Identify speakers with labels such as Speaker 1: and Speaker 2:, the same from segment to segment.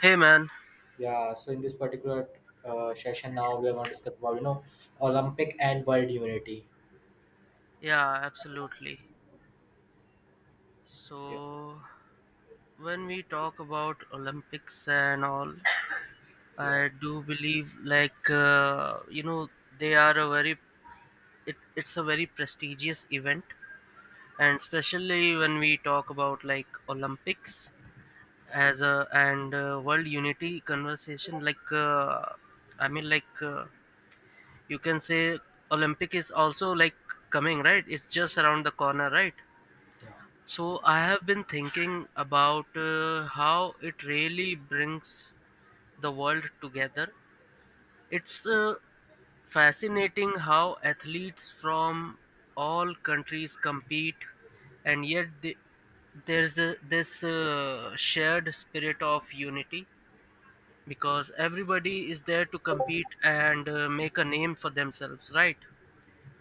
Speaker 1: Hey man,
Speaker 2: Yeah, so in this particular session now we are going to discuss about Olympic and world unity.
Speaker 1: yeah, absolutely.
Speaker 2: Yeah.
Speaker 1: So, when we talk about Olympics and all,
Speaker 2: Yeah,
Speaker 1: I do believe like they are a very it, it's a very prestigious event, and especially when we talk about like Olympics as a and world unity conversation, like I mean, like you can say Olympic is also like coming, right? It's just around the corner, right?
Speaker 2: yeah,
Speaker 1: So I have been thinking about how it really brings the world together. It's fascinating how athletes from all countries compete, and yet there's this shared spirit of unity, because everybody is there to compete and make a name for themselves, right?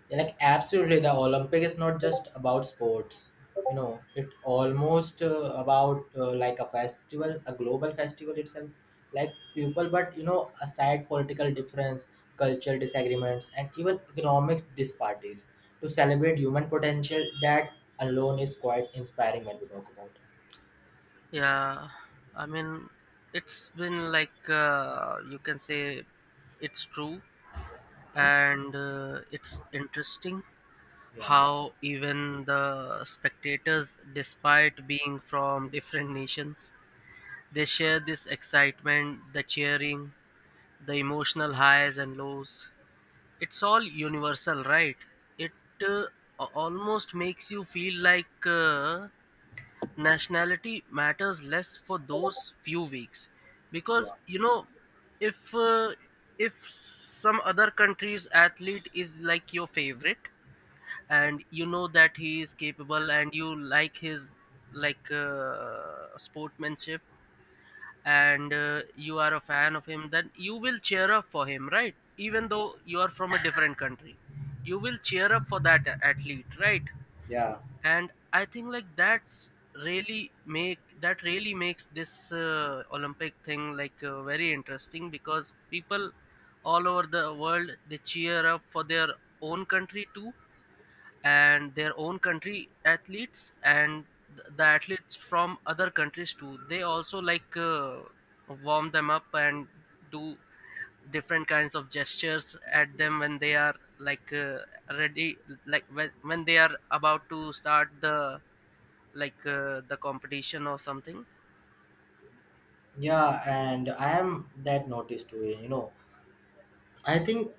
Speaker 2: yeah. Like absolutely, the Olympic is not just about sports. You know, it almost about like a festival, a global festival itself. Like people, but you know, aside political difference, cultural disagreements, and even economic disparities, to celebrate human potential, that alone is quite inspiring when we talk about it.
Speaker 1: Yeah, I mean, it's been like you can say it's true, and it's interesting
Speaker 2: Yeah,
Speaker 1: how even the spectators, despite being from different nations, they share this excitement, the cheering, the emotional highs and lows. It's all universal, right? It uh, almost makes you feel like nationality matters less for those few weeks,
Speaker 2: yeah,
Speaker 1: because you know, if uh, if some other country's athlete is like your favorite, and you know that he is capable, and you like his like sportsmanship, and you are a fan of him, then you will cheer up for him, right? Even though you are from a different country, you will cheer up for that athlete, right?
Speaker 2: yeah.
Speaker 1: And I think like that's really make that really makes this olympic thing like very interesting, because people all over the world, they cheer up for their own country too, and their own country athletes, and the athletes from other countries too, they also like warm them up and do different kinds of gestures at them when they are like ready, like when they are about to start the competition or something.
Speaker 2: Yeah, and I am that noticed too. You know, I think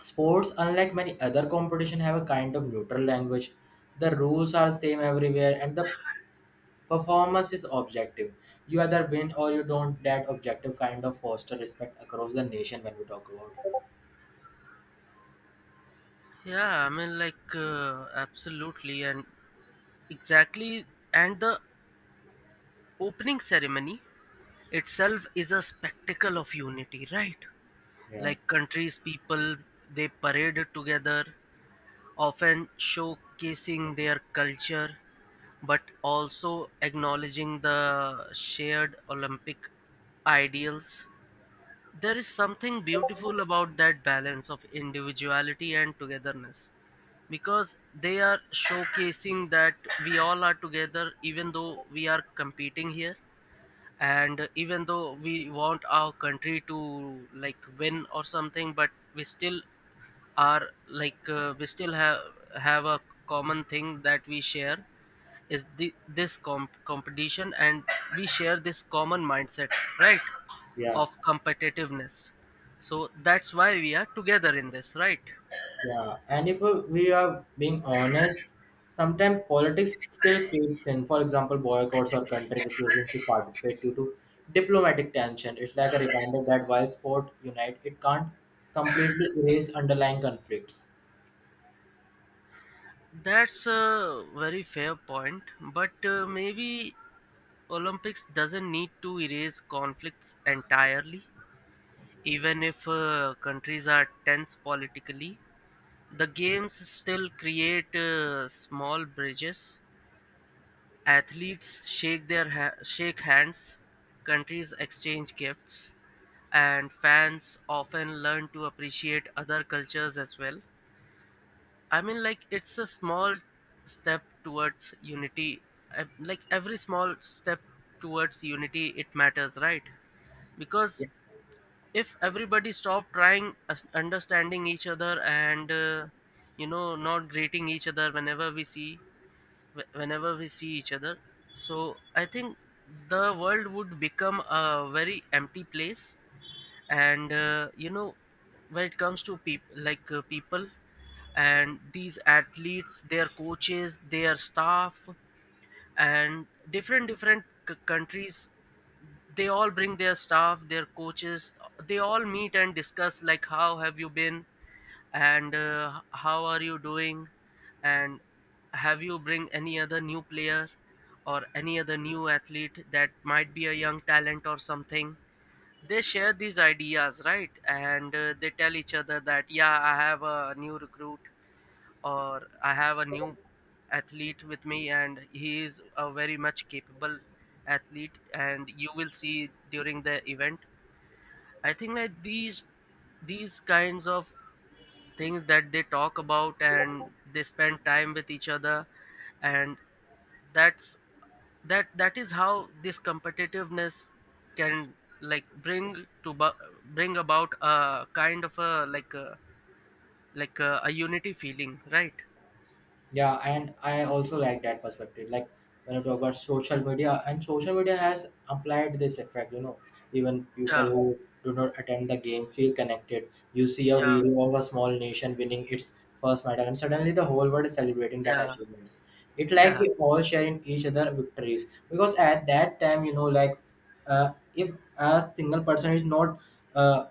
Speaker 2: sports, unlike many other competition, have a kind of neutral language. The rules are same everywhere, and the performance is objective. You either win or you don't. That objective kind of foster respect across the nation when we talk about.
Speaker 1: Yeah, I mean, like absolutely, and exactly, and the opening ceremony itself is a spectacle of unity, right?
Speaker 2: Yeah,
Speaker 1: Like countries, people, they parade together, often showcasing their culture, but also acknowledging the shared olympic ideals. There is something beautiful about that balance of individuality and togetherness, because they are showcasing that we all are together even though we are competing here, and even though we want our country to like win or something, but we still are like uh, we still have have a common thing that we share, is this competition, and we share this common mindset, right,
Speaker 2: yeah.
Speaker 1: of competitiveness. So that's why we are together in this, right?
Speaker 2: Yeah, and if we are being honest, sometimes politics still creeps in. For example, boycotts or country refusing to participate due to diplomatic tension. It's like a reminder that while sport unite, it can't completely erase underlying conflicts.
Speaker 1: That's a very fair point, but maybe Olympics doesn't need to erase conflicts entirely. Even if countries are tense politically, the games still create small bridges. Athletes shake hands, countries exchange gifts, and fans often learn to appreciate other cultures as well. I mean, like it's a small step towards unity. Like every small step towards unity, it matters, right? Because if everybody stop trying understanding each other, and you know, not greeting each other whenever we see, whenever we see each other, so I think the world would become a very empty place. And you know, when it comes to people, like people and these athletes, their coaches, their staff, and different countries, they all bring their staff, their coaches, they all meet and discuss, like, how have you been, and how are you doing, and have you bring any other new player or any other new athlete that might be a young talent or something. They share these ideas, right? And they tell each other that, yeah, I have a new recruit, or I have a new athlete with me, and he is a very much capable athlete, and you will see during the event. I think like these kinds of things that they talk about, and they spend time with each other, and that's that that is how this competitiveness can like bring about a kind of a unity feeling, right?
Speaker 2: Yeah, and I also like that perspective. Like when you talk about social media, and social media has applied this effect. You know, even people
Speaker 1: Yeah,
Speaker 2: who do not attend the game feel connected. You see a
Speaker 1: yeah,
Speaker 2: video of a small nation winning its first medal, and suddenly the whole world is celebrating that
Speaker 1: yeah,
Speaker 2: achievements. It like
Speaker 1: yeah,
Speaker 2: we all share in each other victories because at that time, you know, like if a single person is not uh,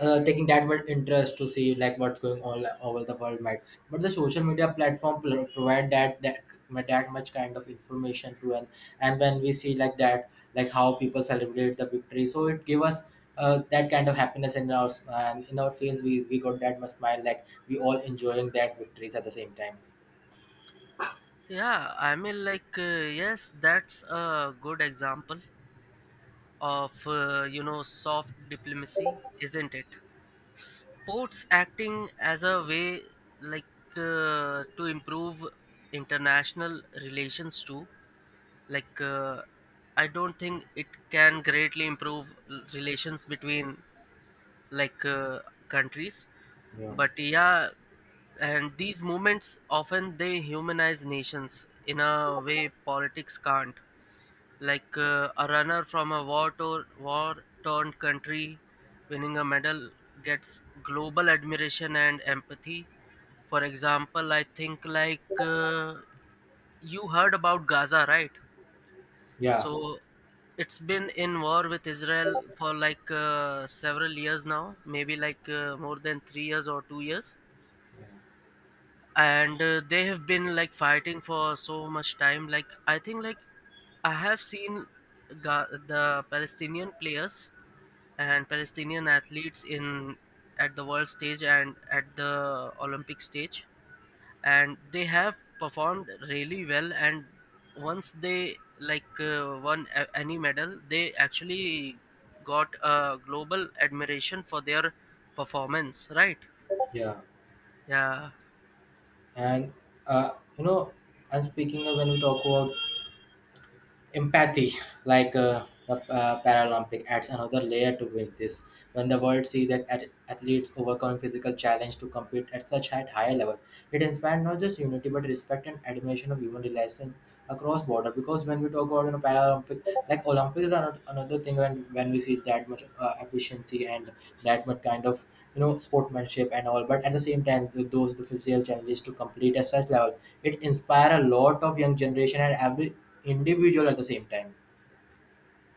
Speaker 2: taking that much interest to see like what's going on, like over the world mate. But the social media platform provide that much kind of information to an, and when we see like that, like how people celebrate the victory, so it give us that kind of happiness in our s- and in our face. We got that much smile, like we all enjoying that victories at the same time.
Speaker 1: yeah, I mean, like yes, that's a good example of you know, soft diplomacy, isn't it? Sports acting as a way, like to improve international relations too. Like I don't think it can greatly improve relations between like countries,
Speaker 2: Yeah,
Speaker 1: but yeah. And these movements often, they humanize nations in a way politics can't. Like a runner from a war torn country winning a medal gets global admiration and empathy. For example, I think like you heard about Gaza, right?
Speaker 2: yeah,
Speaker 1: So it's been in war with Israel for like several years now, maybe like more than 3 years or 2 years. And they have been like fighting for so much time. Like, I think like I have seen, the Palestinian players and Palestinian athletes in, at the world stage and at the Olympic stage, and they have performed really well, and once they like won any medal, they actually got a global admiration for their performance, right?
Speaker 2: yeah.
Speaker 1: Yeah.
Speaker 2: And uh, you know, and speaking of when we talk about empathy, like the paralympic adds another layer to with this. When the world see that athletes overcome physical challenge to compete at such higher level, it inspired not just unity but respect and admiration of human realization across border. Because when we talk about, you know, Paralympic, like Olympics are not another thing, and when we see that much efficiency and that much kind of, you know, sportsmanship and all. But at the same time, those the physical challenges to complete at such level, it inspire a lot of young generation and every individual at the same time.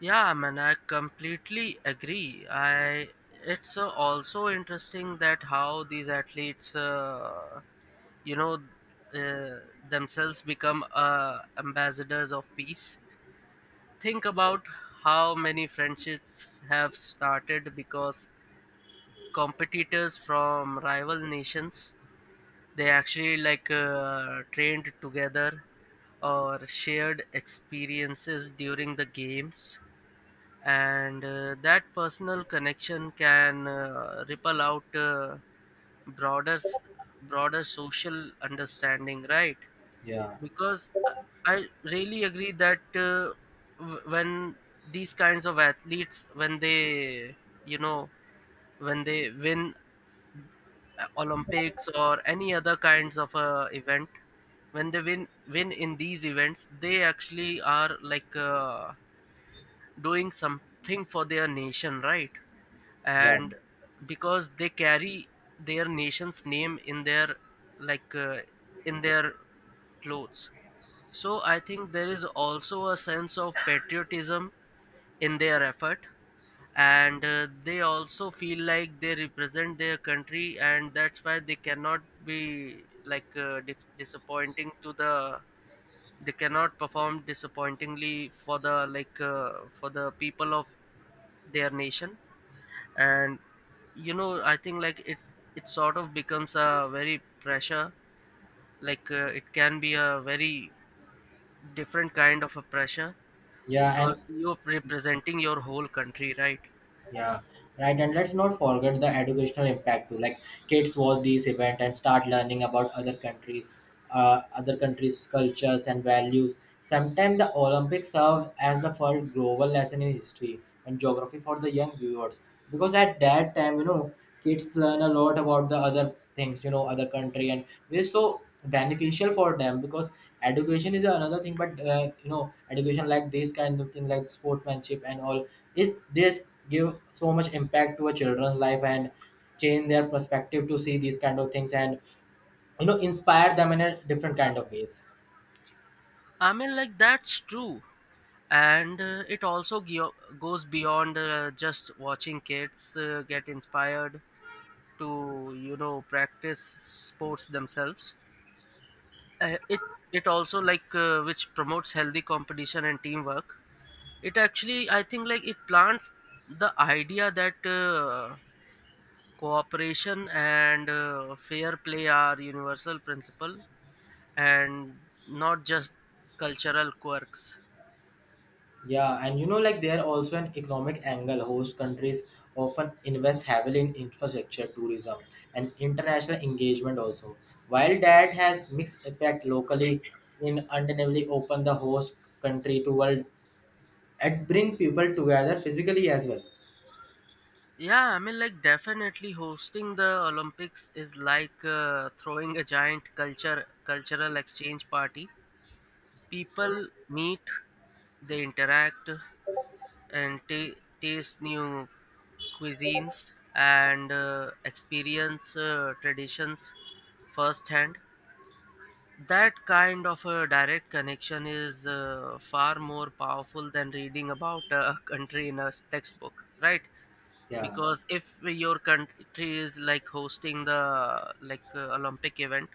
Speaker 1: Yeah man, I completely agree. I It's also interesting that how these athletes you know, uh, themselves become ambassadors of peace. Think about how many friendships have started because competitors from rival nations, they actually like trained together or shared experiences during the games. And that personal connection can ripple out broader s- broader social understanding, right?
Speaker 2: Yeah,
Speaker 1: Because I really agree that when these kinds of athletes, when they, you know, when they win olympics or any other kinds of event, when they win in these events, they actually are like doing something for their nation, right?
Speaker 2: yeah,
Speaker 1: And because they carry their nation's name in their, like in their clothes. So I think there is also a sense of patriotism in their effort, and they also feel like they represent their country, and that's why they cannot be like disappointing to the. They cannot perform disappointingly for the like for the people of their nation, and, you know, I think like it sort of becomes a very pressure. Like it can be a very different kind of a pressure,
Speaker 2: yeah, and
Speaker 1: because you're representing your whole country, right?
Speaker 2: yeah, right. And let's not forget the educational impact too. Like kids watch these event and start learning about other countries' cultures and values. Sometimes the Olympics serve as the first global lesson in history and geography for the young viewers, because at that time, you know, kids learn a lot about the other things, you know, other country, and we're so beneficial for them. Because education is another thing, but you know, education like this kind of thing like sportsmanship and all is this give so much impact to a children's life and change their perspective to see these kind of things and, you know, inspire them in a different kind of ways.
Speaker 1: I mean, like that's true. And it also goes beyond just watching kids get inspired to, you know, practice sports themselves. uh, it it also, like which promotes healthy competition and teamwork. It actually, I think like, it plants the idea that cooperation and fair play are universal principle, and not just cultural quirks.
Speaker 2: Yeah, and you know, like there also an economic angle. Host countries often invest heavily in infrastructure, tourism, and international engagement also. While that has mixed effect locally, in undeniably open the host country to world and bring people together physically as well.
Speaker 1: Yeah, I mean, like, definitely hosting the Olympics is like throwing a giant culture cultural exchange party. People meet, they interact, and ta taste new cuisines, and experience traditions firsthand. That kind of a direct connection is far more powerful than reading about a country in a textbook, right?
Speaker 2: Yeah.
Speaker 1: Because if your country is like hosting the like Olympic event,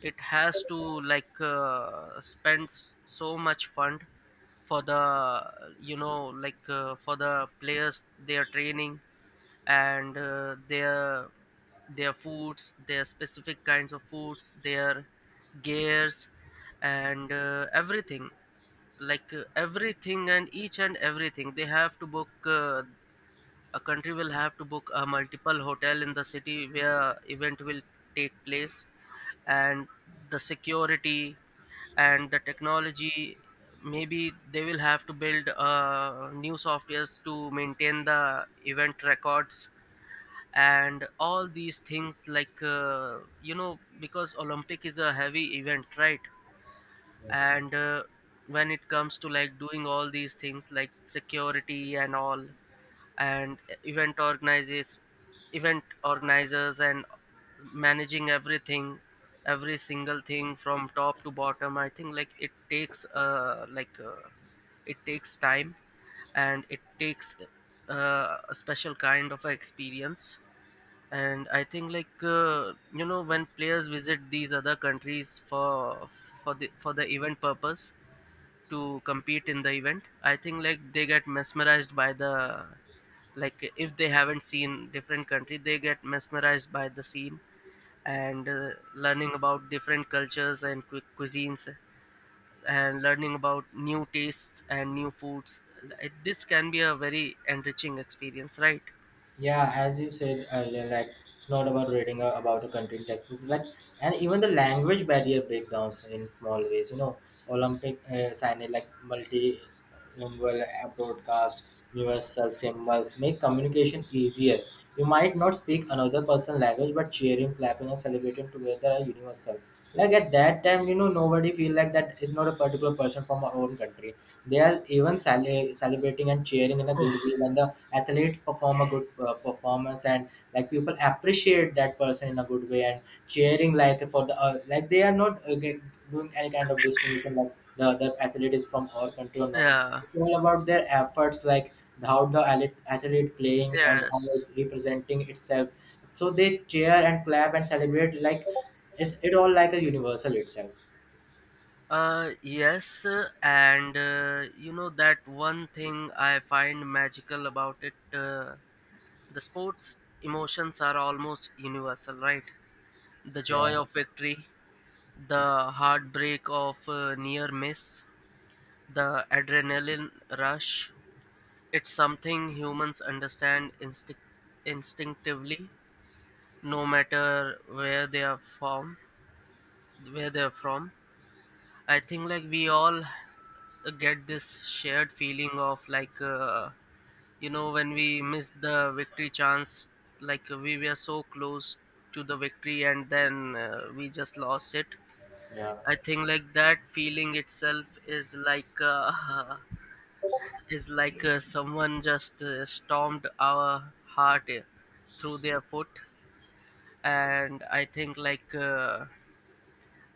Speaker 1: it has to, like spend so much fund for the you know like for the players, their training, and their foods, their specific kinds of foods, their gears, and everything. Like everything, and each and everything, they have to book. A country will have to book a multiple hotel in the city where event will take place, and the security and the technology. Maybe they will have to build new softwares to maintain the event records, and all these things, like you know, because olympic is a heavy event, right? And when it comes to like doing all these things, like security and all, and event organizers event organizers, and managing everything, every single thing from top to bottom, I think like it takes, it takes time, and it takes a special kind of experience. And I think like you know, when players visit these other countries for for the event purpose, to compete in the event, I think like they get mesmerized by the, like, if they haven't seen different country, they get mesmerized by the scene, and learning about different cultures and cuisines, and learning about new tastes and new foods. Like, this can be a very enriching experience, right?
Speaker 2: Yeah, as you said earlier, like it's not about reading about a country in textbook, like, and even the language barrier breakdowns in small ways. You know, Olympic signage like multilingual broadcast, universal symbols make communication easier. You might not speak another person's language, but cheering, clapping, and celebrating together are universal. Like at that time, you know, nobody feel like that is not a particular person from our own country. They are even celebrating and cheering in a good way when the athlete perform a good performance, and like people appreciate that person in a good way. And cheering like for the like they are not doing any kind of discrimination like the other athlete is from our country or not.
Speaker 1: Yeah.
Speaker 2: It's all about their efforts, like how the athlete playing and how
Speaker 1: Yes.
Speaker 2: it's representing itself. So they cheer and clap and celebrate, like it's it all like a universal itself.
Speaker 1: Yes, and you know, that one thing I find magical about it, the sports emotions are almost universal, right? The joy
Speaker 2: Yeah,
Speaker 1: of victory, the heartbreak of near miss, the adrenaline rush. It's something humans understand instinctively, no matter where they are from. Where they are from, I think we all get this shared feeling of you know when we missed the victory chance we were so close to the victory and then we just lost it.
Speaker 2: yeah,
Speaker 1: I think that feeling itself is is someone just stormed our heart through their foot. And I think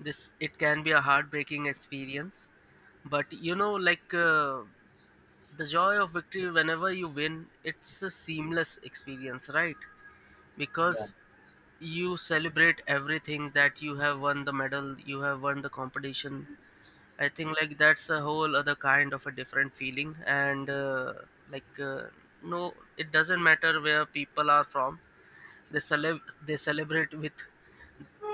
Speaker 1: this it can be a heartbreaking experience. But you know the joy of victory whenever you win, it's a seamless experience, right?
Speaker 2: yeah.
Speaker 1: Because you celebrate everything that you have won, the medal, you have won the competition. I think that's a whole other kind of a different feeling. And like uh, no, it doesn't matter where people are from, they celeb they celebrate with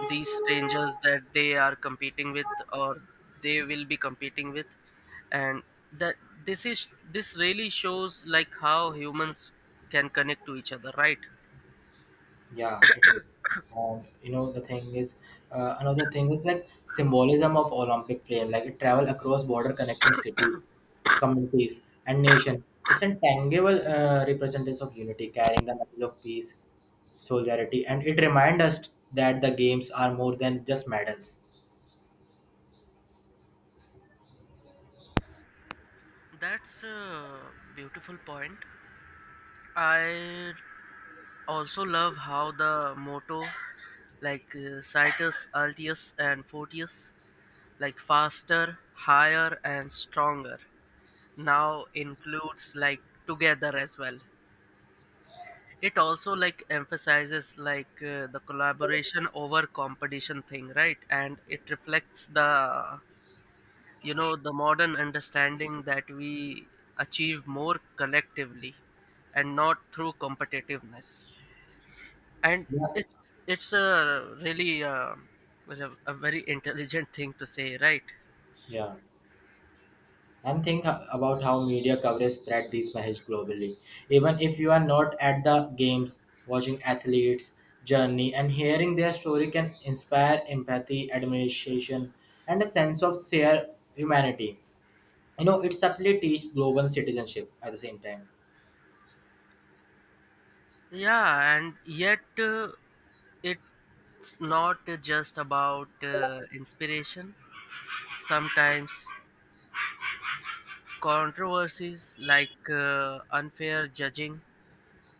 Speaker 1: these strangers that they are competing with, or they will be competing with. And that this is this really shows like how humans can connect to each other, right?
Speaker 2: Yeah, it is. And you know, the thing is, another thing is like symbolism of Olympic flame, like it travel across border connecting cities, communities, and nation. It's a tangible representation of unity, carrying the message of peace, solidarity, and it reminds us that the games are more than just medals.
Speaker 1: That's a beautiful point. I also love how the motto, Citus, Altius, and Fortius, like faster, higher, and stronger, now includes like together as well. It also like emphasizes the collaboration over competition thing, right? And it reflects the, you know, the modern understanding that we achieve more collectively and not through competitiveness. And
Speaker 2: Yeah.
Speaker 1: it's it's a really was a very intelligent thing to say, right?
Speaker 2: Yeah. And think about how media coverage spread these messages globally. Even if you are not at the games, watching athletes' journey and hearing their story can inspire empathy, admiration, and a sense of shared humanity. You know, it subtly teaches global citizenship at the same time.
Speaker 1: Yeah, and yet it's not just about inspiration. Sometimes controversies like unfair judging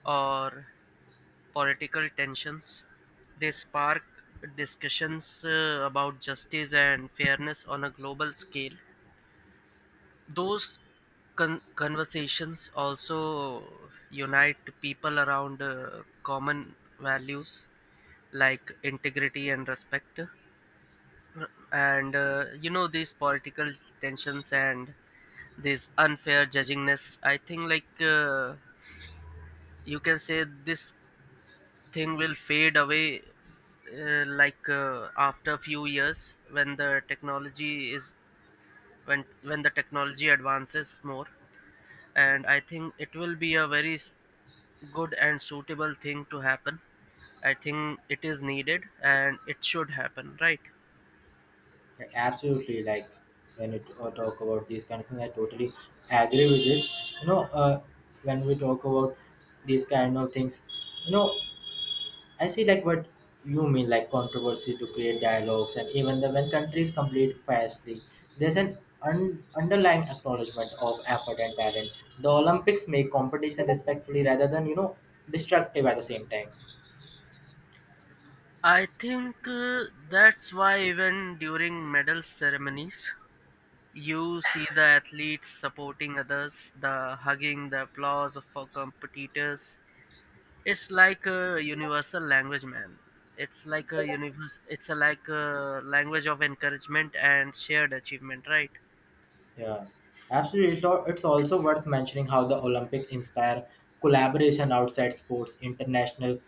Speaker 1: or political tensions, they spark discussions about justice and fairness on a global scale. Those conversations also unite people around common values like integrity and respect. And you know, these political tensions and this unfair judgingness, I think, you can say this thing will fade away after a few years when the technology is when the technology advances more. And I think it will be a very good and suitable thing to happen. I think it is needed and it should happen, right?
Speaker 2: Like, absolutely, like when you talk about these kind of things, I totally agree with it. You know, when we talk about these kind of things, you know, I see like what you mean, like controversy to create dialogues, and even the when countries complete fastly, there's an underlying acknowledgement of effort and talent. The Olympics make competition respectfully rather than, you know, destructive at the same time.
Speaker 1: I think that's why even during medal ceremonies you see the athletes supporting others, the hugging, the applause of for competitors. It's like a universal language, man. It's like a universe. It's a like a language of encouragement and shared achievement, right?
Speaker 2: Yeah, absolutely. It's also worth mentioning how the Olympic inspire collaboration outside sports, international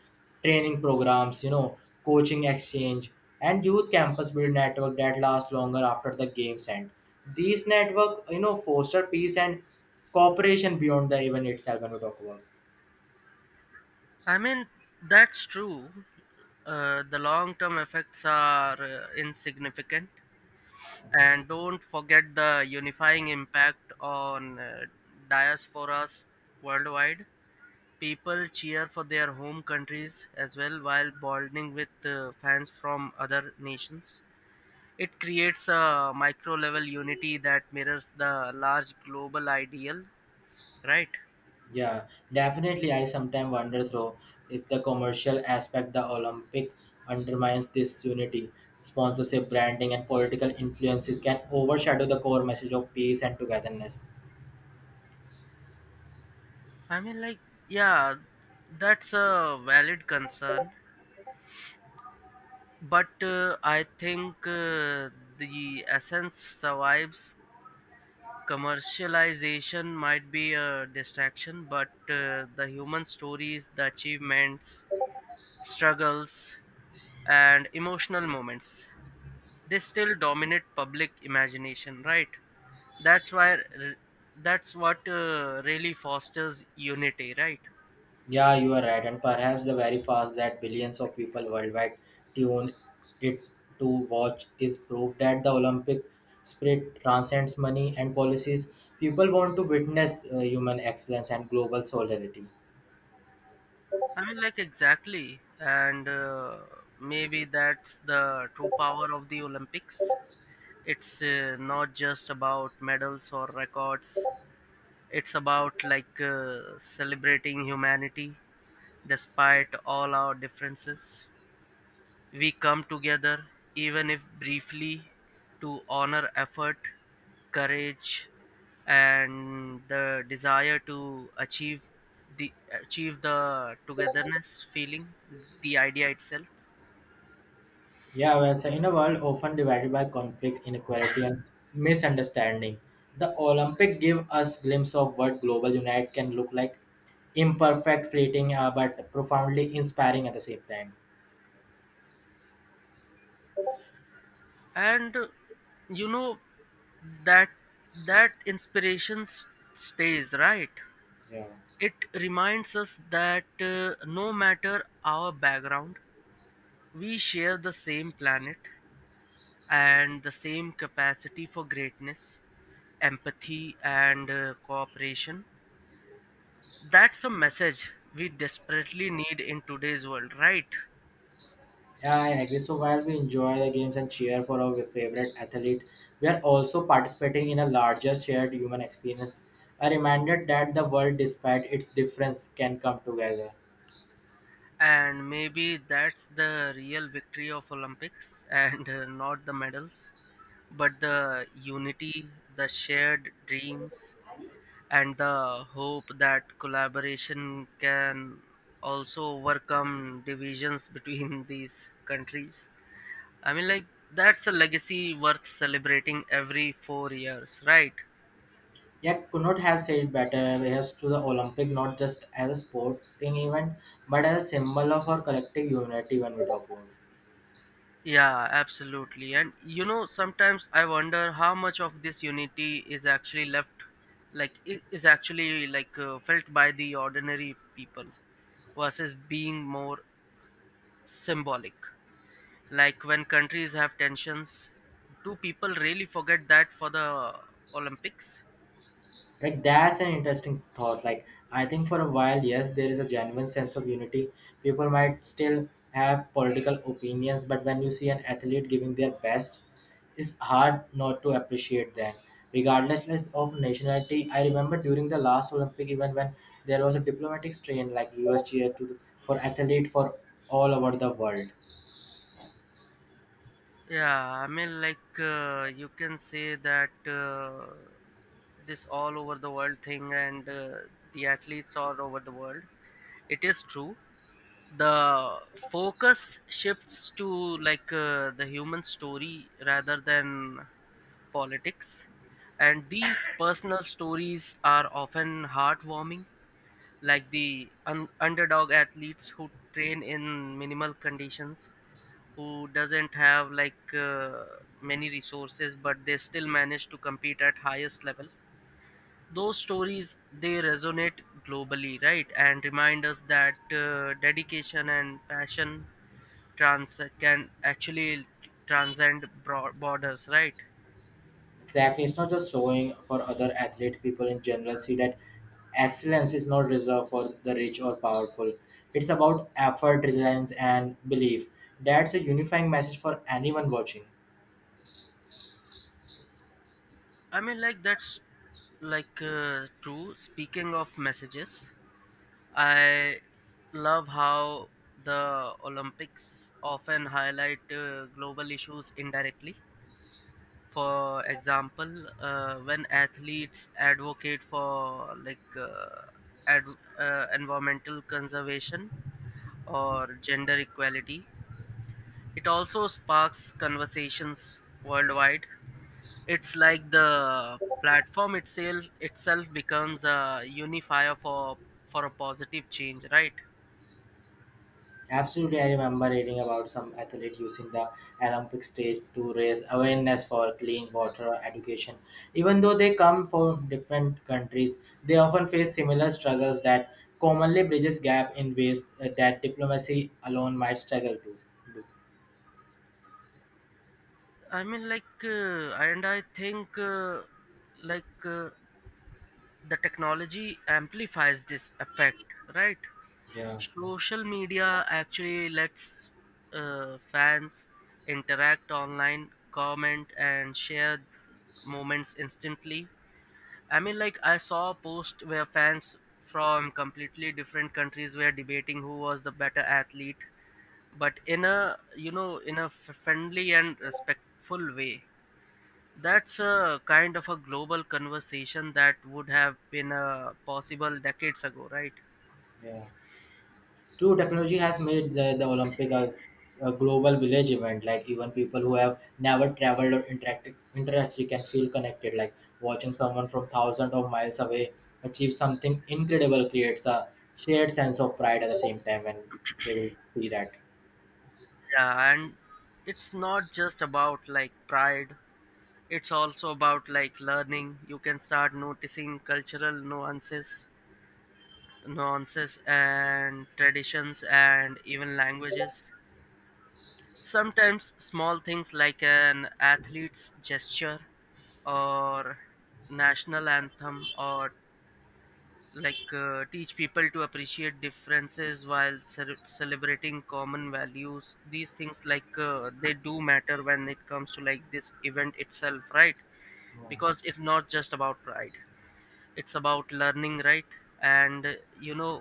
Speaker 2: training programs, you know, coaching exchange, and youth campus build network that last longer after the games end. These network, you know, foster peace and cooperation beyond the event itself when we talk about.
Speaker 1: I mean, that's true. The long-term effects are insignificant, and don't forget the unifying impact on diasporas worldwide. People cheer for their home countries as well while bonding with fans from other nations. It creates a micro level unity that mirrors the large global ideal, right?
Speaker 2: Yeah, definitely. I sometimes wonder though if the commercial aspect the Olympic undermines this unity. Sponsorship, branding, and political influences can overshadow the core message of peace and togetherness.
Speaker 1: I mean, like, yeah, that's a valid concern, but I think the essence survives. Commercialization might be a distraction, but the human stories, the achievements, struggles, and emotional moments, they still dominate public imagination, right? That's why that's what really fosters unity, right?
Speaker 2: Yeah, you are right, and perhaps the very fact that billions of people worldwide tune it to watch is proof that the Olympic spirit transcends money and policies. People want to witness human excellence and global solidarity.
Speaker 1: I mean like exactly. And maybe that's the true power of the Olympics. It's not just about medals or records. It's about celebrating humanity despite all our differences. We come together, even if briefly, to honor effort, courage, and the desire to the achieve the togetherness feeling, the idea itself.
Speaker 2: Yeah, well, so in a world often divided by conflict, inequality, and misunderstanding, the Olympic give us glimpse of what global unite can look like. Imperfect, fleeting, but profoundly inspiring at the same time.
Speaker 1: And you know, that that inspiration stays, right.
Speaker 2: Yeah.
Speaker 1: It reminds us that no matter our background, we share the same planet and the same capacity for greatness, empathy, and cooperation. That's a message we desperately need in today's world, right?
Speaker 2: Yeah, I agree. So while we enjoy the games and cheer for our favorite athlete, we are also participating in a larger shared human experience. A reminder that the world, despite its difference, can come together.
Speaker 1: And maybe that's the real victory of Olympics and not the medals, but the unity, the shared dreams, and the hope that collaboration can also overcome divisions between these countries. I mean, like, that's a legacy worth celebrating every 4 years, right?
Speaker 2: Yet could not have said better as to the Olympic not just as a sporting event but as a symbol of our collective unity when we talk about.
Speaker 1: Yeah, absolutely. And you know, sometimes I wonder how much of this unity is actually left, like, is actually felt by the ordinary people versus being more symbolic. Like, when countries have tensions, do people really forget that for the Olympics?
Speaker 2: Like that's an interesting thought. Like, I think for a while, yes, there is a genuine sense of unity. People might still have political opinions, but when you see an athlete giving their best, it's hard not to appreciate that regardless of nationality. I remember during the last olympic event when there was a diplomatic strain, like viewers cheered for athlete for all over the world.
Speaker 1: Yeah, I mean, you can say that this all over the world thing and the athletes all over the world. It is true. The focus shifts to the human story rather than politics, and these personal stories are often heartwarming, like the underdog athletes who train in minimal conditions, who doesn't have many resources, but they still manage to compete at highest level. Those stories, they resonate globally, right, and remind us that dedication and passion trans can actually transcend broad borders, right.
Speaker 2: Exactly, it's not just showing for other athlete. People in general see that excellence is not reserved for the rich or powerful. It's about effort, resilience, and belief. That's a unifying message for anyone watching.
Speaker 1: I mean like that's true. Speaking of messages, I love how the Olympics often highlight global issues indirectly. For example, when athletes advocate for environmental conservation or gender equality, it also sparks conversations worldwide. It's like the platform itself becomes a unifier for a positive change, right?
Speaker 2: Absolutely, I remember reading about some athlete using the Olympic stage to raise awareness for clean water education. Even though they come from different countries, they often face similar struggles that commonly bridges gap in ways that diplomacy alone might struggle to do.
Speaker 1: I mean, like, and I think, like, uh, the technology amplifies this effect, right?
Speaker 2: Yeah,
Speaker 1: Social media actually lets fans interact online, comment, and share moments instantly. I mean, like, I saw a post where fans from completely different countries were debating who was the better athlete, but in a, you know, in a friendly and respectful way. That's a kind of a global conversation that would have been possible decades ago, right?
Speaker 2: yeah. True, technology has made the Olympic a global village event. Like even people who have never traveled or interacted can feel connected. Like watching someone from thousands of miles away achieve something incredible creates a shared sense of pride at the same time when they will see that.
Speaker 1: Yeah, and it's not just about like pride, it's also about like learning. You can start noticing cultural nuances and traditions and even languages. Sometimes small things like an athlete's gesture, or national anthem, or teach people to appreciate differences while cer celebrating common values. These things they do matter when it comes to like this event itself, right?
Speaker 2: Yeah.
Speaker 1: Because it's not just about pride, it's about learning, right. And you know,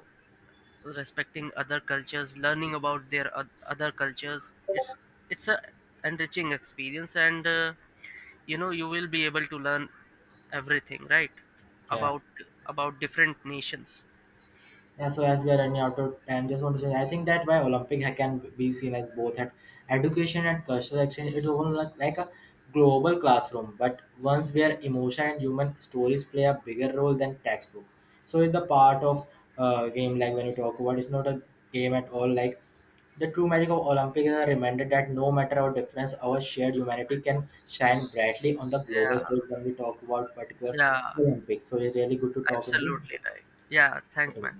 Speaker 1: respecting other cultures, learning about their other cultures, it's a enriching experience. And you know, you will be able to learn everything, right,
Speaker 2: Yeah.
Speaker 1: about about different nations.
Speaker 2: Yeah, so as we are running out of time, just want to say I think that why Olympic can be seen as both at education and cultural exchange. It's almost like a global classroom, but once where emotion and human stories play a bigger role than textbook. So it's the part of game like when you talk about, it's not a game at all. Like the true magic of Olympic is a reminder that no matter our difference, our shared humanity can shine brightly on the global
Speaker 1: Yeah,
Speaker 2: stage when we talk about particular
Speaker 1: yeah.
Speaker 2: Olympics. So it's really good to talk with
Speaker 1: Absolutely right. Yeah, thanks,
Speaker 2: you.
Speaker 1: man.